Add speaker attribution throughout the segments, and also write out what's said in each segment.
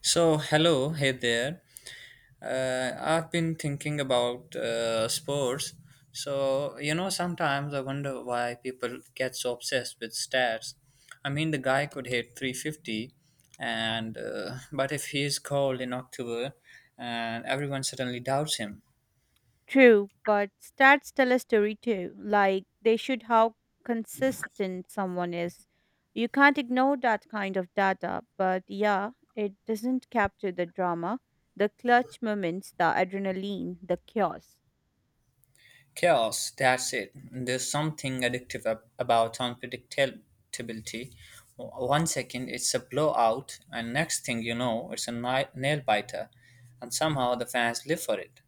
Speaker 1: So, hello, hey there. I've been thinking about sports. So, you know, sometimes I wonder why people get so obsessed with stats. I mean, the guy could hit 350, and but if he is cold in October, and everyone suddenly doubts him.
Speaker 2: True, but stats tell a story too. Like they should how consistent someone is. You can't ignore that kind of data, but yeah, it doesn't capture the drama, the clutch moments, the adrenaline, the chaos.
Speaker 1: Chaos, that's it. There's something addictive about unpredictability. One second it's a blowout, and next thing you know, it's a nail biter, and somehow the fans live for it.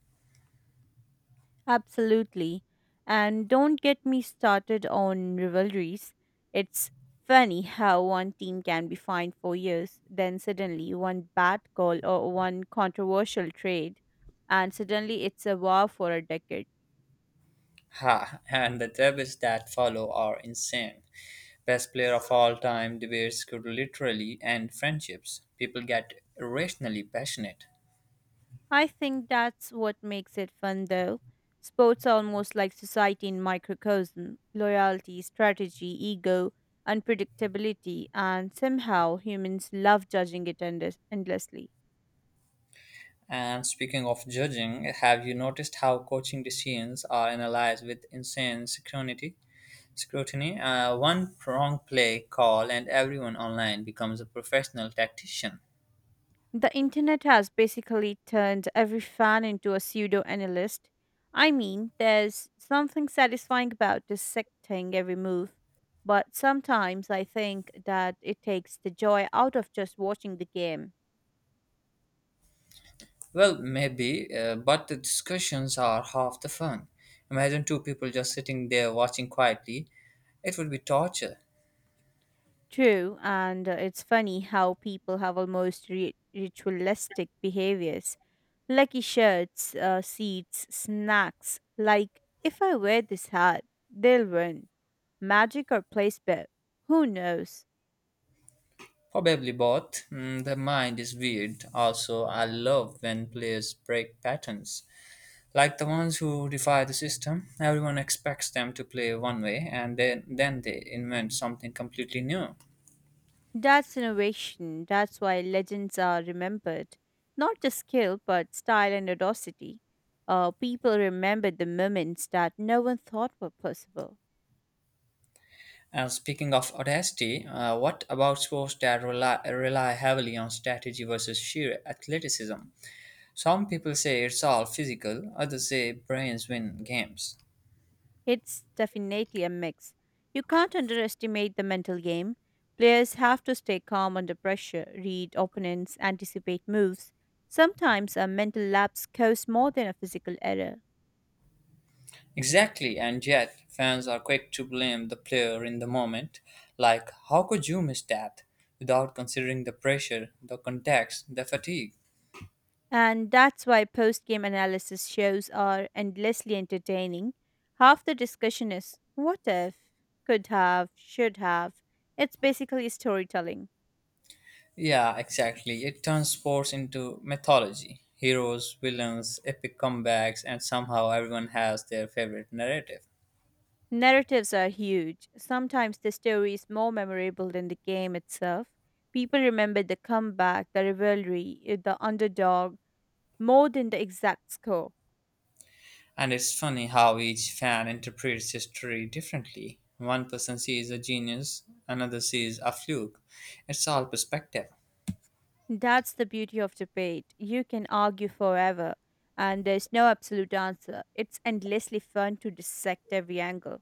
Speaker 2: Absolutely. And don't get me started on rivalries. It's funny how one team can be fined for years, then suddenly one bad call or one controversial trade, and suddenly it's a war for a decade.
Speaker 1: Ha! And the debates that follow are insane. Best player of all time debates could literally end friendships. People get irrationally passionate.
Speaker 2: I think that's what makes it fun though. Sports are almost like society in microcosm loyalty, strategy, ego, unpredictability, and somehow humans love judging it endlessly.
Speaker 1: And speaking of judging, have you noticed how coaching decisions are analyzed with insane scrutiny? Scrutiny. One wrong play call, and everyone online becomes a professional tactician.
Speaker 2: The internet has basically turned every fan into a pseudo analyst. I mean, there's something satisfying about dissecting every move, but sometimes I think that it takes the joy out of just watching the game.
Speaker 1: Well, maybe, but the discussions are half the fun. Imagine two people just sitting there watching quietly. It would be torture.
Speaker 2: True, and it's funny how people have almost ritualistic behaviors. Lucky shirts, seats, snacks. Like, if I wear this hat, they'll win. Magic or place bet. Who knows?
Speaker 1: Probably both. Mm, the mind is weird. Also, I love when players break patterns. Like the ones who defy the system, everyone expects them to play one way and then they invent something completely new.
Speaker 2: That's innovation. That's why legends are remembered. Not just skill, but style and audacity. People remember the moments that no one thought were possible.
Speaker 1: And speaking of audacity, what about sports that rely heavily on strategy versus sheer athleticism? Some people say it's all physical, others say brains win games.
Speaker 2: It's definitely a mix. You can't underestimate the mental game. Players have to stay calm under pressure, read opponents, anticipate moves. Sometimes a mental lapse costs more than a physical error.
Speaker 1: Exactly, and yet fans are quick to blame the player in the moment. Like, how could you miss that? Without considering the pressure, the context, the fatigue.
Speaker 2: And that's why post game analysis shows are endlessly entertaining. Half the discussion is what if, could have, should have. It's basically storytelling.
Speaker 1: Yeah, exactly. It turns sports into mythology. Heroes, villains, epic comebacks, and somehow everyone has their favorite narrative.
Speaker 2: Narratives are huge. Sometimes the story is more memorable than the game itself. People remember the comeback, the rivalry, the underdog, more than the exact score.
Speaker 1: And it's funny how each fan interprets history differently. One person sees a genius, another sees a fluke. It's all perspective.
Speaker 2: That's the beauty of debate. You can argue forever, and there's no absolute answer. It's endlessly fun to dissect every angle.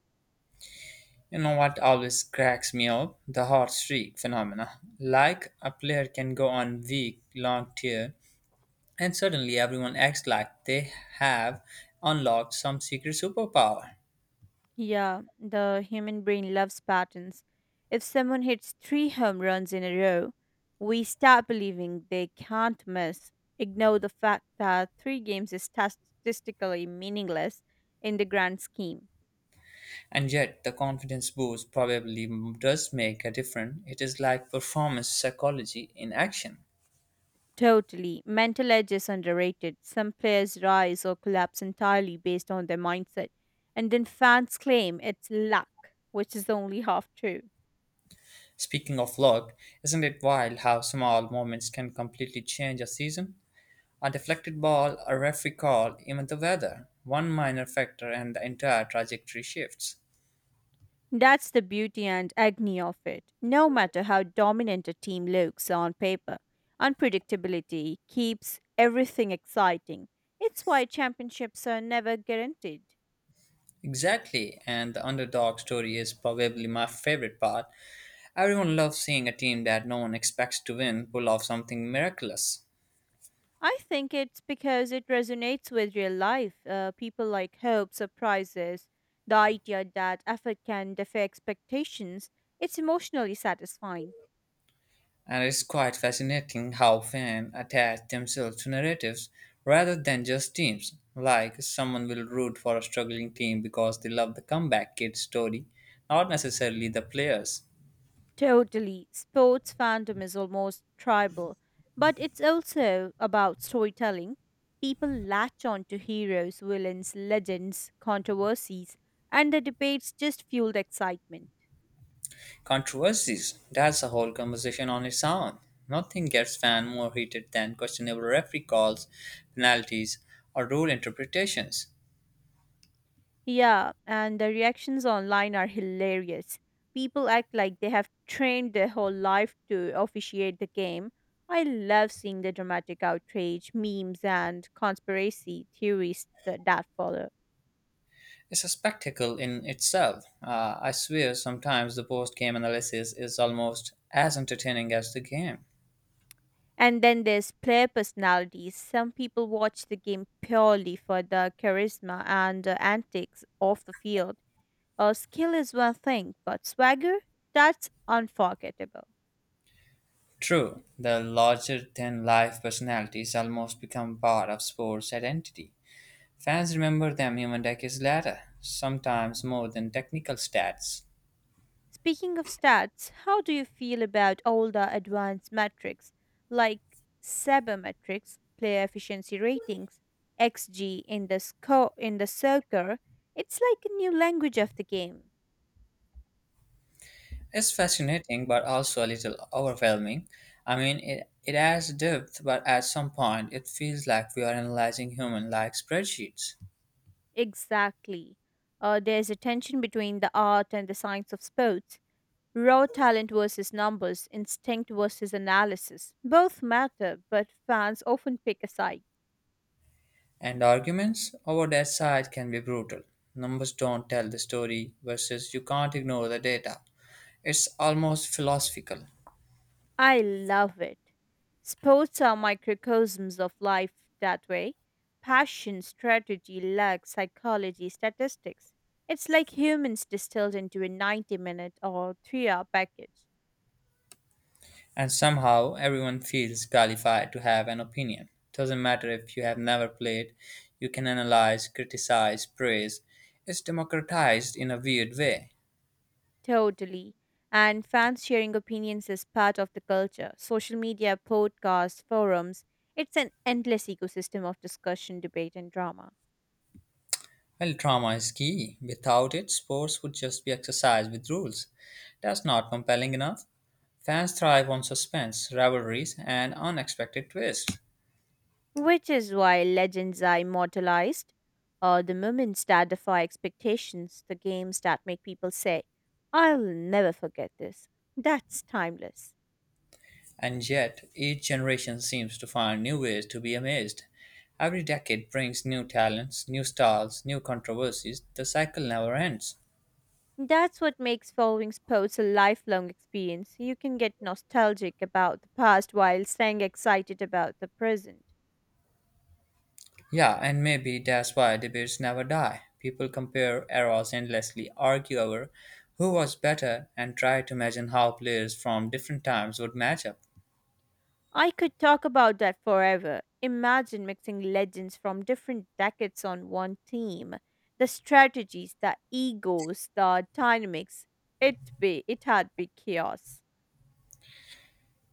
Speaker 1: You know what always cracks me up? The hot streak phenomena. Like a player can go on week long tear and suddenly everyone acts like they have unlocked some secret superpower.
Speaker 2: Yeah, the human brain loves patterns. If someone hits three home runs in a row, we start believing they can't miss. Ignore the fact that three games is statistically meaningless in the grand scheme.
Speaker 1: And yet, the confidence boost probably does make a difference. It is like performance psychology in action.
Speaker 2: Totally. Mental edge is underrated. Some players rise or collapse entirely based on their mindset, and then fans claim it's luck, which is only half true.
Speaker 1: Speaking of luck, isn't it wild how small moments can completely change a season? A deflected ball, a referee call, even the weather. One minor factor and the entire trajectory shifts.
Speaker 2: That's the beauty and agony of it. No matter how dominant a team looks on paper, unpredictability keeps everything exciting. It's why championships are never guaranteed.
Speaker 1: Exactly, and the underdog story is probably my favorite part. Everyone loves seeing a team that no one expects to win pull off something miraculous.
Speaker 2: I think it's because it resonates with real life. People like hope, surprises, the idea that effort can defy expectations. It's emotionally satisfying.
Speaker 1: And it's quite fascinating how fans attach themselves to narratives rather than just teams. Like, someone will root for a struggling team because they love the comeback kid story, not necessarily the players.
Speaker 2: Totally. Sports fandom is almost tribal, but it's also about storytelling. People latch on to heroes, villains, legends, controversies, and the debates just fuel the excitement.
Speaker 1: Controversies, that's a whole conversation on its own. Nothing gets fans more heated than questionable referee calls, penalties, or rule interpretations.
Speaker 2: Yeah, and the reactions online are hilarious. People act like they have trained their whole life to officiate the game. I love seeing the dramatic outrage, memes, and conspiracy theories that follow.
Speaker 1: It's a spectacle in itself. I swear sometimes the post game analysis is almost as entertaining as the game.
Speaker 2: And then there's player personalities. Some people watch the game purely for the charisma and the antics off the field. Skill is one thing, but swagger? That's unforgettable.
Speaker 1: True, the larger than life personalities almost become part of sports' identity. Fans remember them even decades later, sometimes more than technical stats.
Speaker 2: Speaking of stats, how do you feel about older advanced metrics like sabermetrics, player efficiency ratings, XG in the score in the soccer? It's like a new language of the game.
Speaker 1: It's fascinating but also a little overwhelming. I mean, it adds depth, but at some point it feels like we are analyzing human like spreadsheets.
Speaker 2: Exactly. There's a tension between the art and the science of sports. Raw talent versus numbers, instinct versus analysis. Both matter, but fans often pick a side.
Speaker 1: And arguments over that side can be brutal. Numbers don't tell the story, versus you can't ignore the data. It's almost philosophical.
Speaker 2: I love it. Sports are microcosms of life that way. Passion, strategy, luck, psychology, statistics. It's like humans distilled into a 90 minute or 3-hour package.
Speaker 1: And somehow everyone feels qualified to have an opinion. Doesn't matter if you have never played, you can analyze, criticize, praise. It's democratized in a weird way.
Speaker 2: Totally. And fans sharing opinions is part of the culture. Social media, podcasts, forums. It's an endless ecosystem of discussion, debate, and drama.
Speaker 1: Well, trauma is key. Without it, sports would just be exercise with rules. That's not compelling enough. Fans thrive on suspense, rivalries, and unexpected twists.
Speaker 2: Which is why legends are immortalized. The moments that defy expectations, the games that make people say, I'll never forget this. That's timeless.
Speaker 1: And yet, each generation seems to find new ways to be amazed. Every decade brings new talents, new styles, new controversies. The cycle never ends.
Speaker 2: That's what makes following sports a lifelong experience. You can get nostalgic about the past while staying excited about the present.
Speaker 1: Yeah, and maybe that's why debates never die. People compare eras endlessly, argue over who was better, and try to imagine how players from different times would match up.
Speaker 2: I could talk about that forever. Imagine mixing legends from different decades on one team. The strategies, the egos, the dynamics. It had be chaos.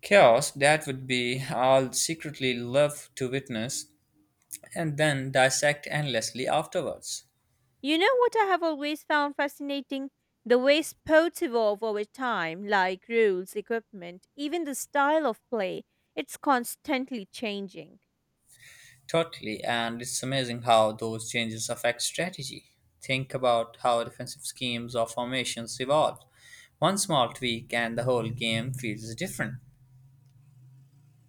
Speaker 1: Chaos that would be I'll secretly love to witness and then dissect endlessly afterwards.
Speaker 2: You know what I have always found fascinating? The way sports evolve over time, like rules, equipment, even the style of play. It's constantly changing.
Speaker 1: Totally, and it's amazing how those changes affect strategy. Think about how defensive schemes or formations evolve. One small tweak and the whole game feels different.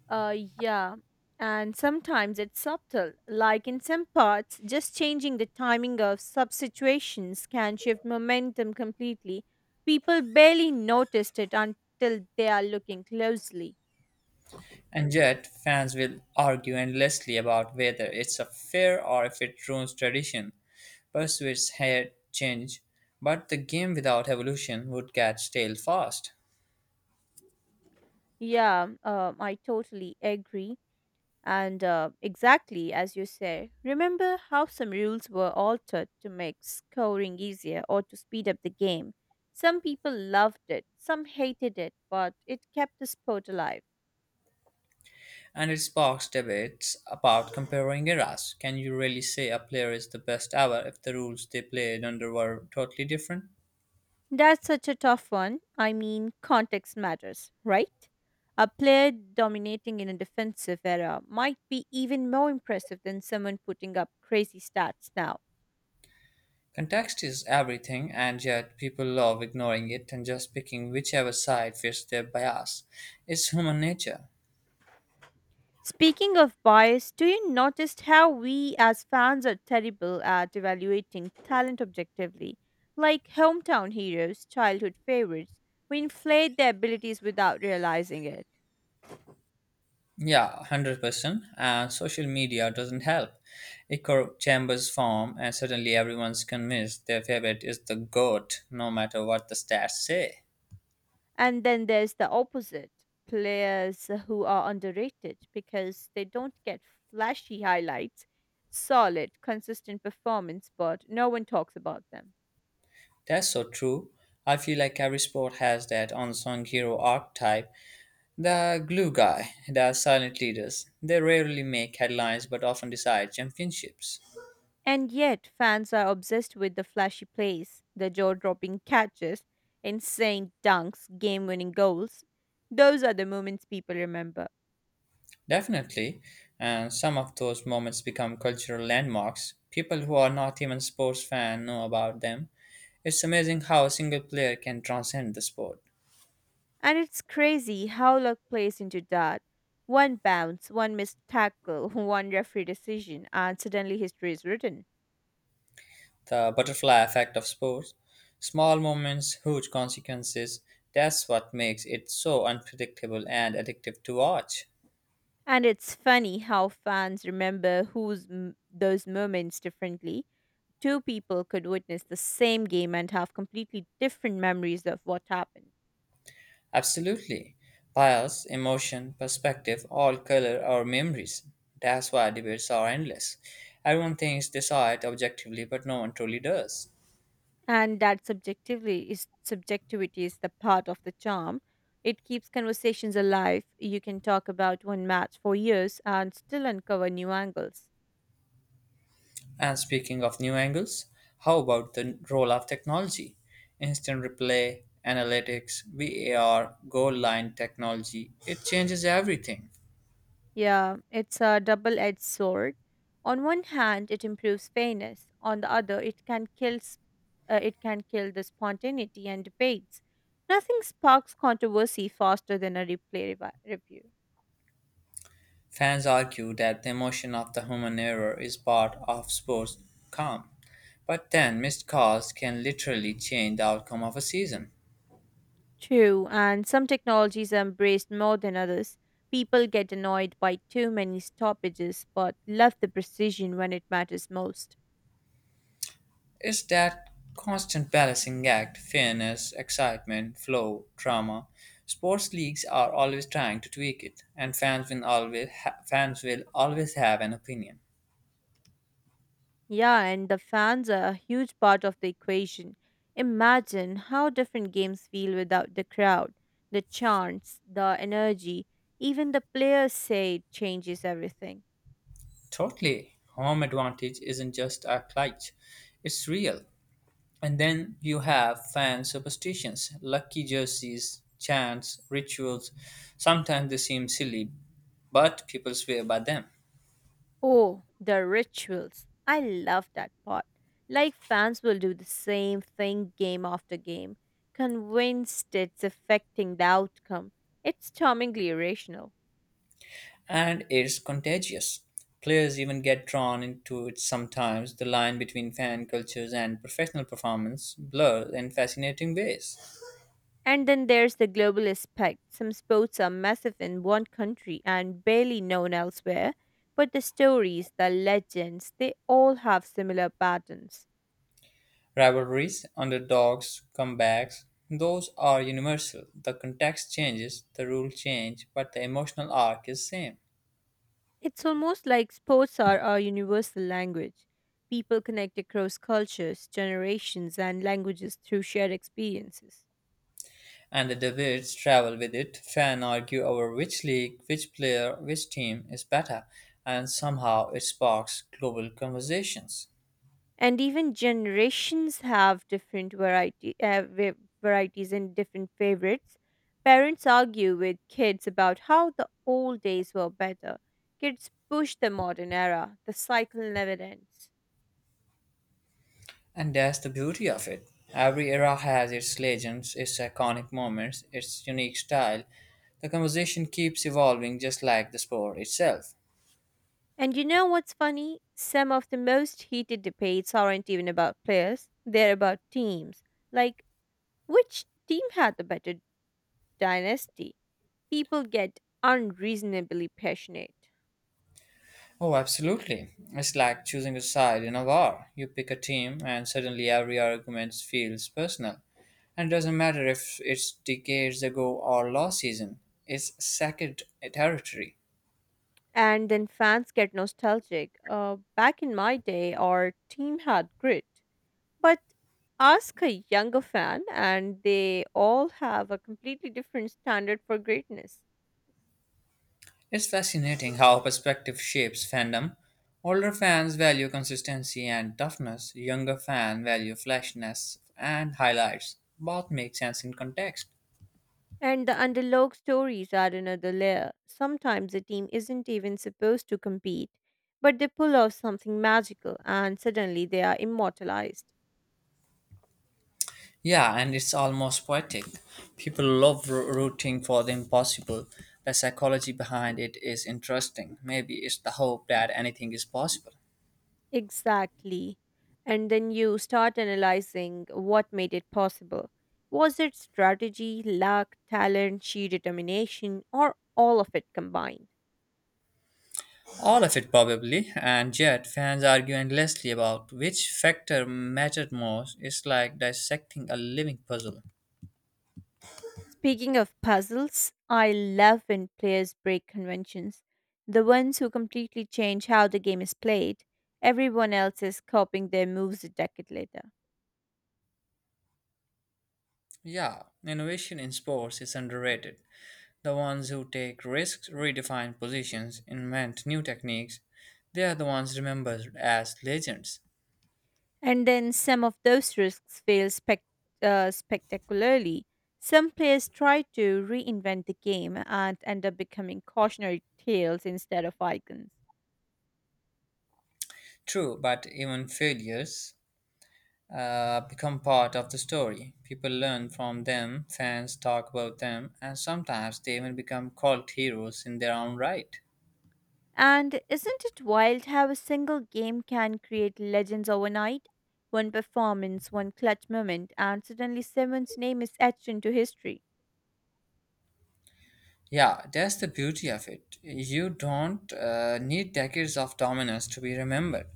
Speaker 2: Yeah. And sometimes it's subtle, like in some parts, just changing the timing of substitutions can shift momentum completely. People barely noticed it until they are looking closely.
Speaker 1: And yet, fans will argue endlessly about whether it's a fair or if it ruins tradition. Pursuits had change, but the game without evolution would get stale fast.
Speaker 2: Yeah, I totally agree. And exactly as you say, remember how some rules were altered to make scoring easier or to speed up the game. Some people loved it, some hated it, but it kept the sport alive.
Speaker 1: And it sparks debates about comparing eras. Can you really say a player is the best ever if the rules they played under were totally different?
Speaker 2: That's such a tough one. I mean, context matters, right? A player dominating in a defensive era might be even more impressive than someone putting up crazy stats now.
Speaker 1: Context is everything, and yet people love ignoring it and just picking whichever side fits their bias. It's human nature.
Speaker 2: Speaking of bias, do you notice how we as fans are terrible at evaluating talent objectively? Like hometown heroes, childhood favorites, we inflate their abilities without realizing it.
Speaker 1: Yeah, 100%. And social media doesn't help. Echo chambers form, and suddenly everyone's convinced their favorite is the GOAT, no matter what the stats say.
Speaker 2: And then there's the opposite players who are underrated because they don't get flashy highlights, solid, consistent performance, but no one talks about them.
Speaker 1: That's so true. I feel like every sport has that unsung hero archetype, the glue guy, the silent leaders. They rarely make headlines but often decide championships.
Speaker 2: And yet, fans are obsessed with the flashy plays, the jaw dropping catches, insane dunks, game winning goals. Those are the moments people remember.
Speaker 1: Definitely, and some of those moments become cultural landmarks. People who are not even sports fans know about them. It's amazing how a single player can transcend the sport.
Speaker 2: And it's crazy how luck plays into that. One bounce, one missed tackle, one referee decision, and suddenly history is written.
Speaker 1: The butterfly effect of sports. Small moments, huge consequences. That's what makes it so unpredictable and addictive to watch.
Speaker 2: And it's funny how fans remember those moments differently. Two people could witness the same game and have completely different memories of what happened.
Speaker 1: Absolutely. Bias, emotion, perspective, all color our memories. That's why debates are endless. Everyone thinks they saw it objectively, but no one truly does.
Speaker 2: And that subjectively is subjectivity is the part of the charm. It keeps conversations alive. You can talk about one match for years and still uncover new angles.
Speaker 1: And speaking of new angles, how about the role of technology? Instant replay, analytics, VAR, goal line technology, it changes everything.
Speaker 2: Yeah, it's a double edged sword. On one hand, it improves fairness. On the other, it can it can kill the spontaneity and debates. Nothing sparks controversy faster than a replay review.
Speaker 1: Fans argue that the emotion of the human error is part of sports calm, but then missed calls can literally change the outcome of a season.
Speaker 2: True, and some technologies are embraced more than others. People get annoyed by too many stoppages but love the precision when it matters most.
Speaker 1: It's that constant balancing act, fairness, excitement, flow, drama. Sports leagues are always trying to tweak it, and fans will always have an opinion.
Speaker 2: Yeah, and the fans are a huge part of the equation. Imagine how different games feel without the crowd. The chants, the energy, even the players say it changes everything.
Speaker 1: Totally. Home advantage isn't just a cliche, it's real. And then you have fan superstitions, lucky jerseys, chants, rituals. Sometimes they seem silly, but people swear by them.
Speaker 2: Oh, the rituals. I love that part. Like fans will do the same thing game after game, convinced it's affecting the outcome. It's charmingly irrational.
Speaker 1: And it's contagious. Players even get drawn into it sometimes. The line between fan cultures and professional performance blurs in fascinating ways.
Speaker 2: And then there's the global aspect. Some sports are massive in one country and barely known elsewhere, but the stories, the legends, they all have similar patterns.
Speaker 1: Rivalries, underdogs, comebacks, those are universal. The context changes, the rules change, but the emotional arc is same.
Speaker 2: It's almost like sports are our universal language. People connect across cultures, generations, and languages through shared experiences.
Speaker 1: And the debates travel with it. Fans argue over which league, which player, which team is better, and somehow it sparks global conversations.
Speaker 2: And even generations have different varieties and different favorites, parents argue with kids about how the old days were better, kids push the modern era, the cycle never ends.
Speaker 1: And that's the beauty of it. Every era has its legends, its iconic moments, its unique style. The conversation keeps evolving just like the sport itself.
Speaker 2: And you know what's funny, some of the most heated debates aren't even about players, they're about teams, like which team had the better dynasty, people get unreasonably passionate.
Speaker 1: Oh, absolutely. It's like choosing a side in a war. You pick a team, and suddenly every argument feels personal. And it doesn't matter if it's decades ago or last season, it's sacred territory.
Speaker 2: And then fans get nostalgic. Back in my day, our team had grit. But ask a younger fan, and they all have a completely different standard for greatness.
Speaker 1: It's fascinating how perspective shapes fandom. Older fans value consistency and toughness, younger fans value flashiness and highlights. Both make sense in context.
Speaker 2: And the underdog stories add another layer. Sometimes a team isn't even supposed to compete, but they pull off something magical, and suddenly they are immortalized.
Speaker 1: Yeah, and it's almost poetic. People love rooting for the impossible. The psychology behind it is interesting. Maybe it's the hope that anything is possible.
Speaker 2: Exactly. And then you start analyzing what made it possible. Was it strategy, luck, talent, sheer determination, or all of it combined?
Speaker 1: All of it, probably, and yet fans argue endlessly about which factor mattered most. It's like dissecting a living puzzle.
Speaker 2: Speaking of puzzles, I love when players break conventions. The ones who completely change how the game is played, everyone else is copying their moves a decade later.
Speaker 1: Yeah, innovation in sports is underrated. The ones who take risks, redefine positions, invent new techniques, they are the ones remembered as legends.
Speaker 2: And then some of those risks spectacularly. Some players try to reinvent the game and end up becoming cautionary tales instead of icons.
Speaker 1: True, but even failures become part of the story. People learn from them, fans talk about them, and sometimes they even become cult heroes in their own right.
Speaker 2: And isn't it wild how a single game can create legends overnight? One performance, one clutch moment, and suddenly someone's name is etched into history.
Speaker 1: Yeah, that's the beauty of it. You don't need decades of dominance to be remembered.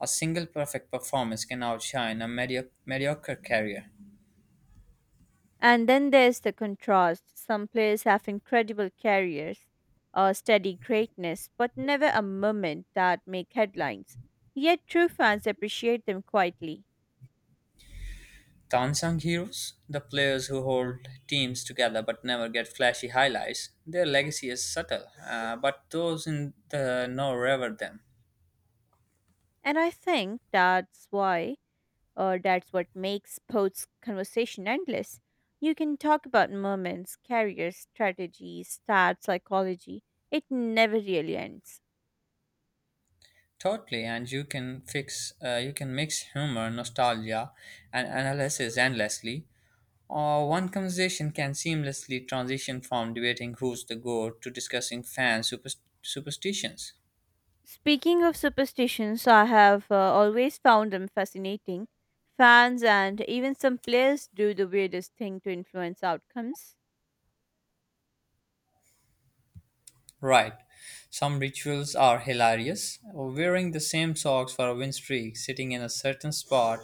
Speaker 1: A single perfect performance can outshine a mediocre career.
Speaker 2: And then there's the contrast. Some players have incredible careers, or steady greatness, but never a moment that make headlines. Yet true fans appreciate them quietly.
Speaker 1: The unsung heroes, the players who hold teams together but never get flashy highlights, their legacy is subtle, but those in the know revere them.
Speaker 2: And I think that's why, or that's what makes sports conversation endless. You can talk about moments, careers, strategies, stats, psychology. It never really ends.
Speaker 1: Totally, and you can mix humor, nostalgia, and analysis endlessly. Or one conversation can seamlessly transition from debating who's the goat to discussing fan superstitions.
Speaker 2: Speaking of superstitions, I have always found them fascinating. Fans and even some players do the weirdest thing to influence outcomes.
Speaker 1: Right. Some rituals are hilarious. Wearing the same socks for a win streak, sitting in a certain spot,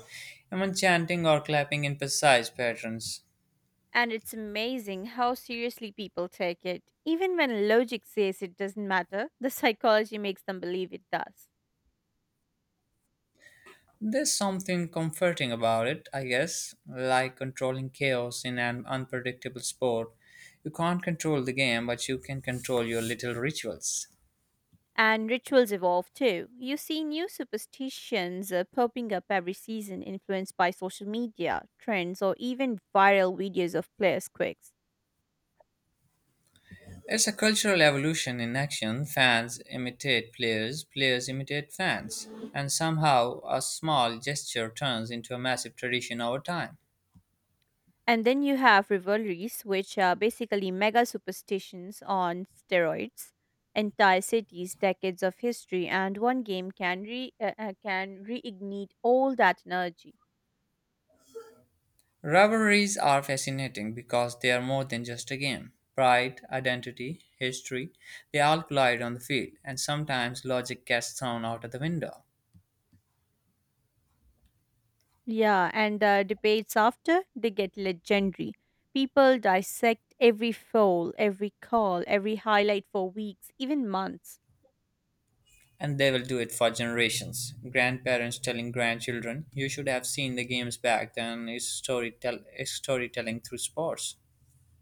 Speaker 1: even chanting or clapping in precise patterns.
Speaker 2: And it's amazing how seriously people take it. Even when logic says it doesn't matter, the psychology makes them believe it does.
Speaker 1: There's something comforting about it, I guess, like controlling chaos in an unpredictable sport. You can't control the game, but you can control your little rituals.
Speaker 2: And rituals evolve too. You see new superstitions popping up every season, influenced by social media, trends, or even viral videos of players' quirks.
Speaker 1: It's a cultural evolution in action. Fans imitate players, players imitate fans, and somehow a small gesture turns into a massive tradition over time.
Speaker 2: And then you have rivalries, which are basically mega superstitions on steroids, entire cities, decades of history, and one game can re can reignite all that energy.
Speaker 1: Rivalries are fascinating because they are more than just a game. Pride, identity, history, they all collide on the field, and sometimes logic gets thrown out of the window.
Speaker 2: Yeah, and debates after they get legendary. People dissect every foul, every call, every highlight for weeks, even months.
Speaker 1: And they will do it for generations. Grandparents telling grandchildren, you should have seen the games back then, it's storytelling through sports.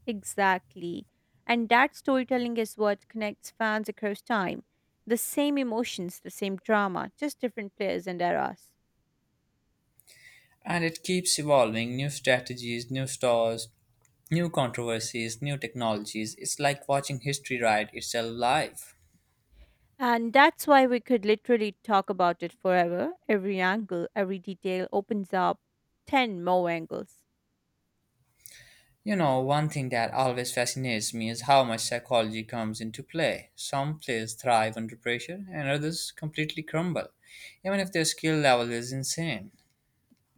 Speaker 2: Exactly. And that storytelling is what connects fans across time. The same emotions, the same drama, just different players and eras.
Speaker 1: And it keeps evolving new strategies, new stores, new controversies, new technologies. It's like watching history write itself live.
Speaker 2: And that's why we could literally talk about it forever. Every angle, every detail opens up 10 more angles.
Speaker 1: You know, one thing that always fascinates me is how much psychology comes into play. Some players thrive under pressure and others completely crumble, even if their skill level is insane.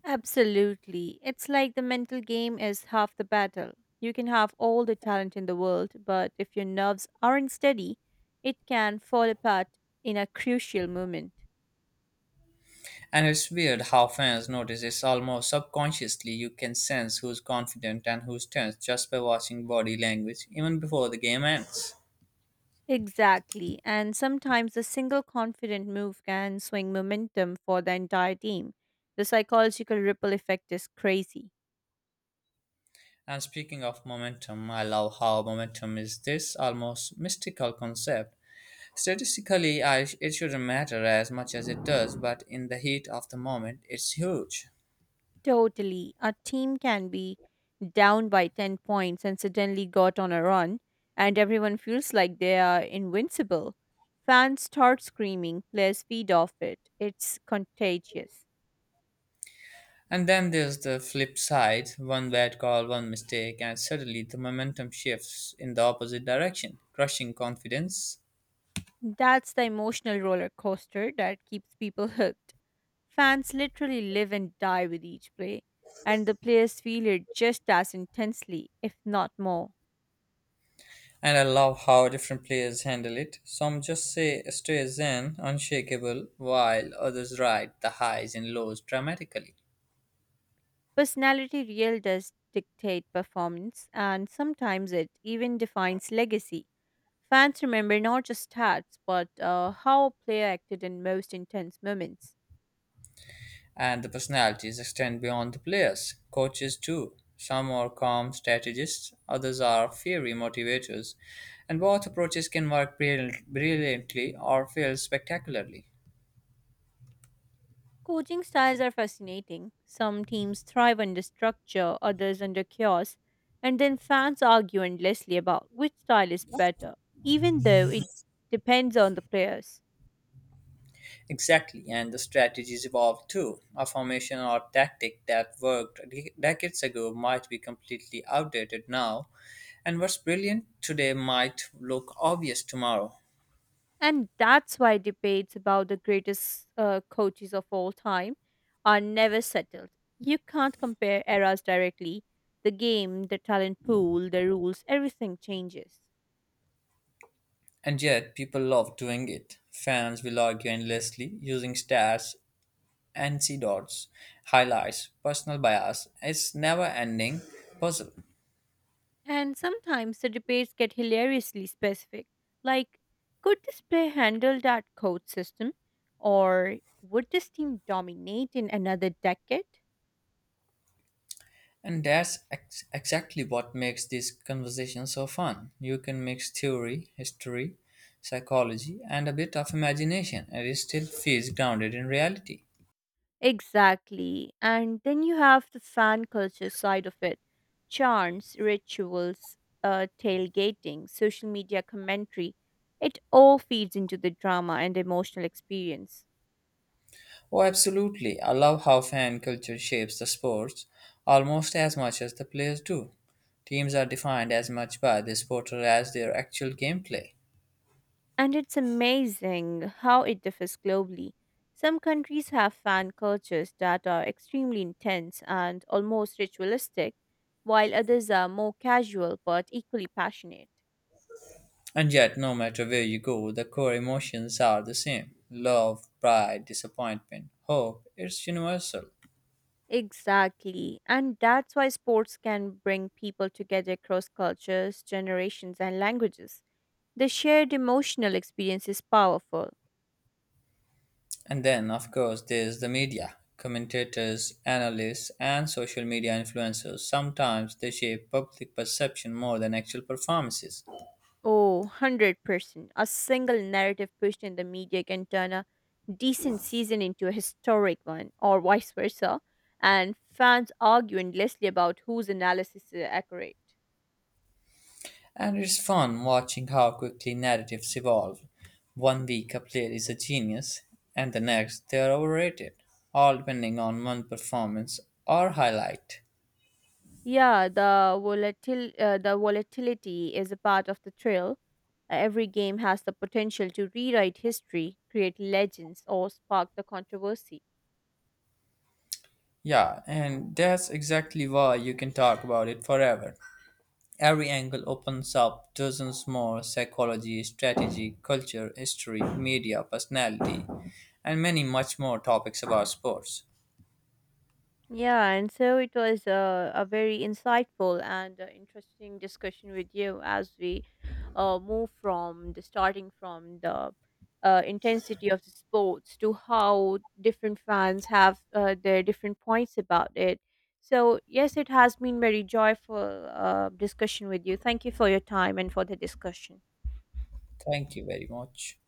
Speaker 2: Absolutely. It's like the mental game is half the battle. You can have all the talent in the world, but if your nerves aren't steady, it can fall apart in a crucial moment.
Speaker 1: And it's weird how fans notice it's almost subconsciously you can sense who's confident and who's tense just by watching body language even before the game ends.
Speaker 2: Exactly. And sometimes a single confident move can swing momentum for the entire team. The psychological ripple effect is crazy.
Speaker 1: And speaking of momentum, I love how momentum is this almost mystical concept. Statistically, it shouldn't matter as much as it does, but in the heat of the moment, it's huge.
Speaker 2: Totally. A team can be down by 10 points and suddenly got on a run, and everyone feels like they are invincible. Fans start screaming, players feed off it. It's contagious.
Speaker 1: And then there's the flip side one bad call, one mistake, and suddenly the momentum shifts in the opposite direction, crushing confidence.
Speaker 2: That's the emotional roller coaster that keeps people hooked. Fans literally live and die with each play, and the players feel it just as intensely, if not more.
Speaker 1: And I love how different players handle it. Some just say stay zen, unshakable, while others ride the highs and lows dramatically.
Speaker 2: Personality really does dictate performance, and sometimes it even defines legacy. Fans remember not just stats, but how a player acted in most intense moments.
Speaker 1: And the personalities extend beyond the players, coaches too. Some are calm strategists, others are fiery motivators, and both approaches can work brilliantly or fail spectacularly.
Speaker 2: Coaching styles are fascinating. Some teams thrive under structure, others under chaos, and then fans argue endlessly about which style is better, even though it depends on the players.
Speaker 1: Exactly, and the strategies evolve too. A formation or tactic that worked decades ago might be completely outdated now, and what's brilliant today might look obvious tomorrow.
Speaker 2: And that's why debates about the greatest coaches of all time are never settled. You can't compare eras directly. The game, the talent pool, the rules, everything changes.
Speaker 1: And yet, people love doing it. Fans will argue endlessly, using stats, antidotes, highlights personal bias. It's never ending puzzle.
Speaker 2: And sometimes the debates get hilariously specific, like, could this player handle that code system? Or would this team dominate in another decade?
Speaker 1: And that's exactly what makes this conversation so fun. You can mix theory, history, psychology, and a bit of imagination, and it still feels grounded in reality.
Speaker 2: Exactly. And then you have the fan culture side of it chants, rituals, tailgating, social media commentary. It all feeds into the drama and emotional experience.
Speaker 1: Oh, absolutely. I love how fan culture shapes the sports almost as much as the players do. Teams are defined as much by this supporter as their actual gameplay.
Speaker 2: And it's amazing how it differs globally. Some countries have fan cultures that are extremely intense and almost ritualistic, while others are more casual but equally passionate.
Speaker 1: And yet, no matter where you go, the core emotions are the same love, pride, disappointment, hope. It's universal.
Speaker 2: Exactly. And that's why sports can bring people together across cultures, generations, and languages. The shared emotional experience is powerful.
Speaker 1: And then, of course, there's the media commentators, analysts, and social media influencers. Sometimes they shape public perception more than actual performances.
Speaker 2: Oh, 100%. A single narrative pushed in the media can turn a decent season into a historic one, or vice versa, and fans argue endlessly about whose analysis is accurate.
Speaker 1: And it's fun watching how quickly narratives evolve. One week a player is a genius, and the next they are overrated, all depending on one performance or highlight.
Speaker 2: Yeah, the the volatility is a part of the thrill. Every game has the potential to rewrite history, create legends, or spark the controversy.
Speaker 1: Yeah, and that's exactly why you can talk about it forever. Every angle opens up dozens more psychology, strategy, culture, history, media, personality, and many much more topics about sports.
Speaker 2: Yeah, and so it was a very insightful and interesting discussion with you as we move from the starting from the intensity of the sports to how different fans have their different points about it. So, yes, it has been very joyful discussion with you. Thank you for your time and for the discussion.
Speaker 1: Thank you very much.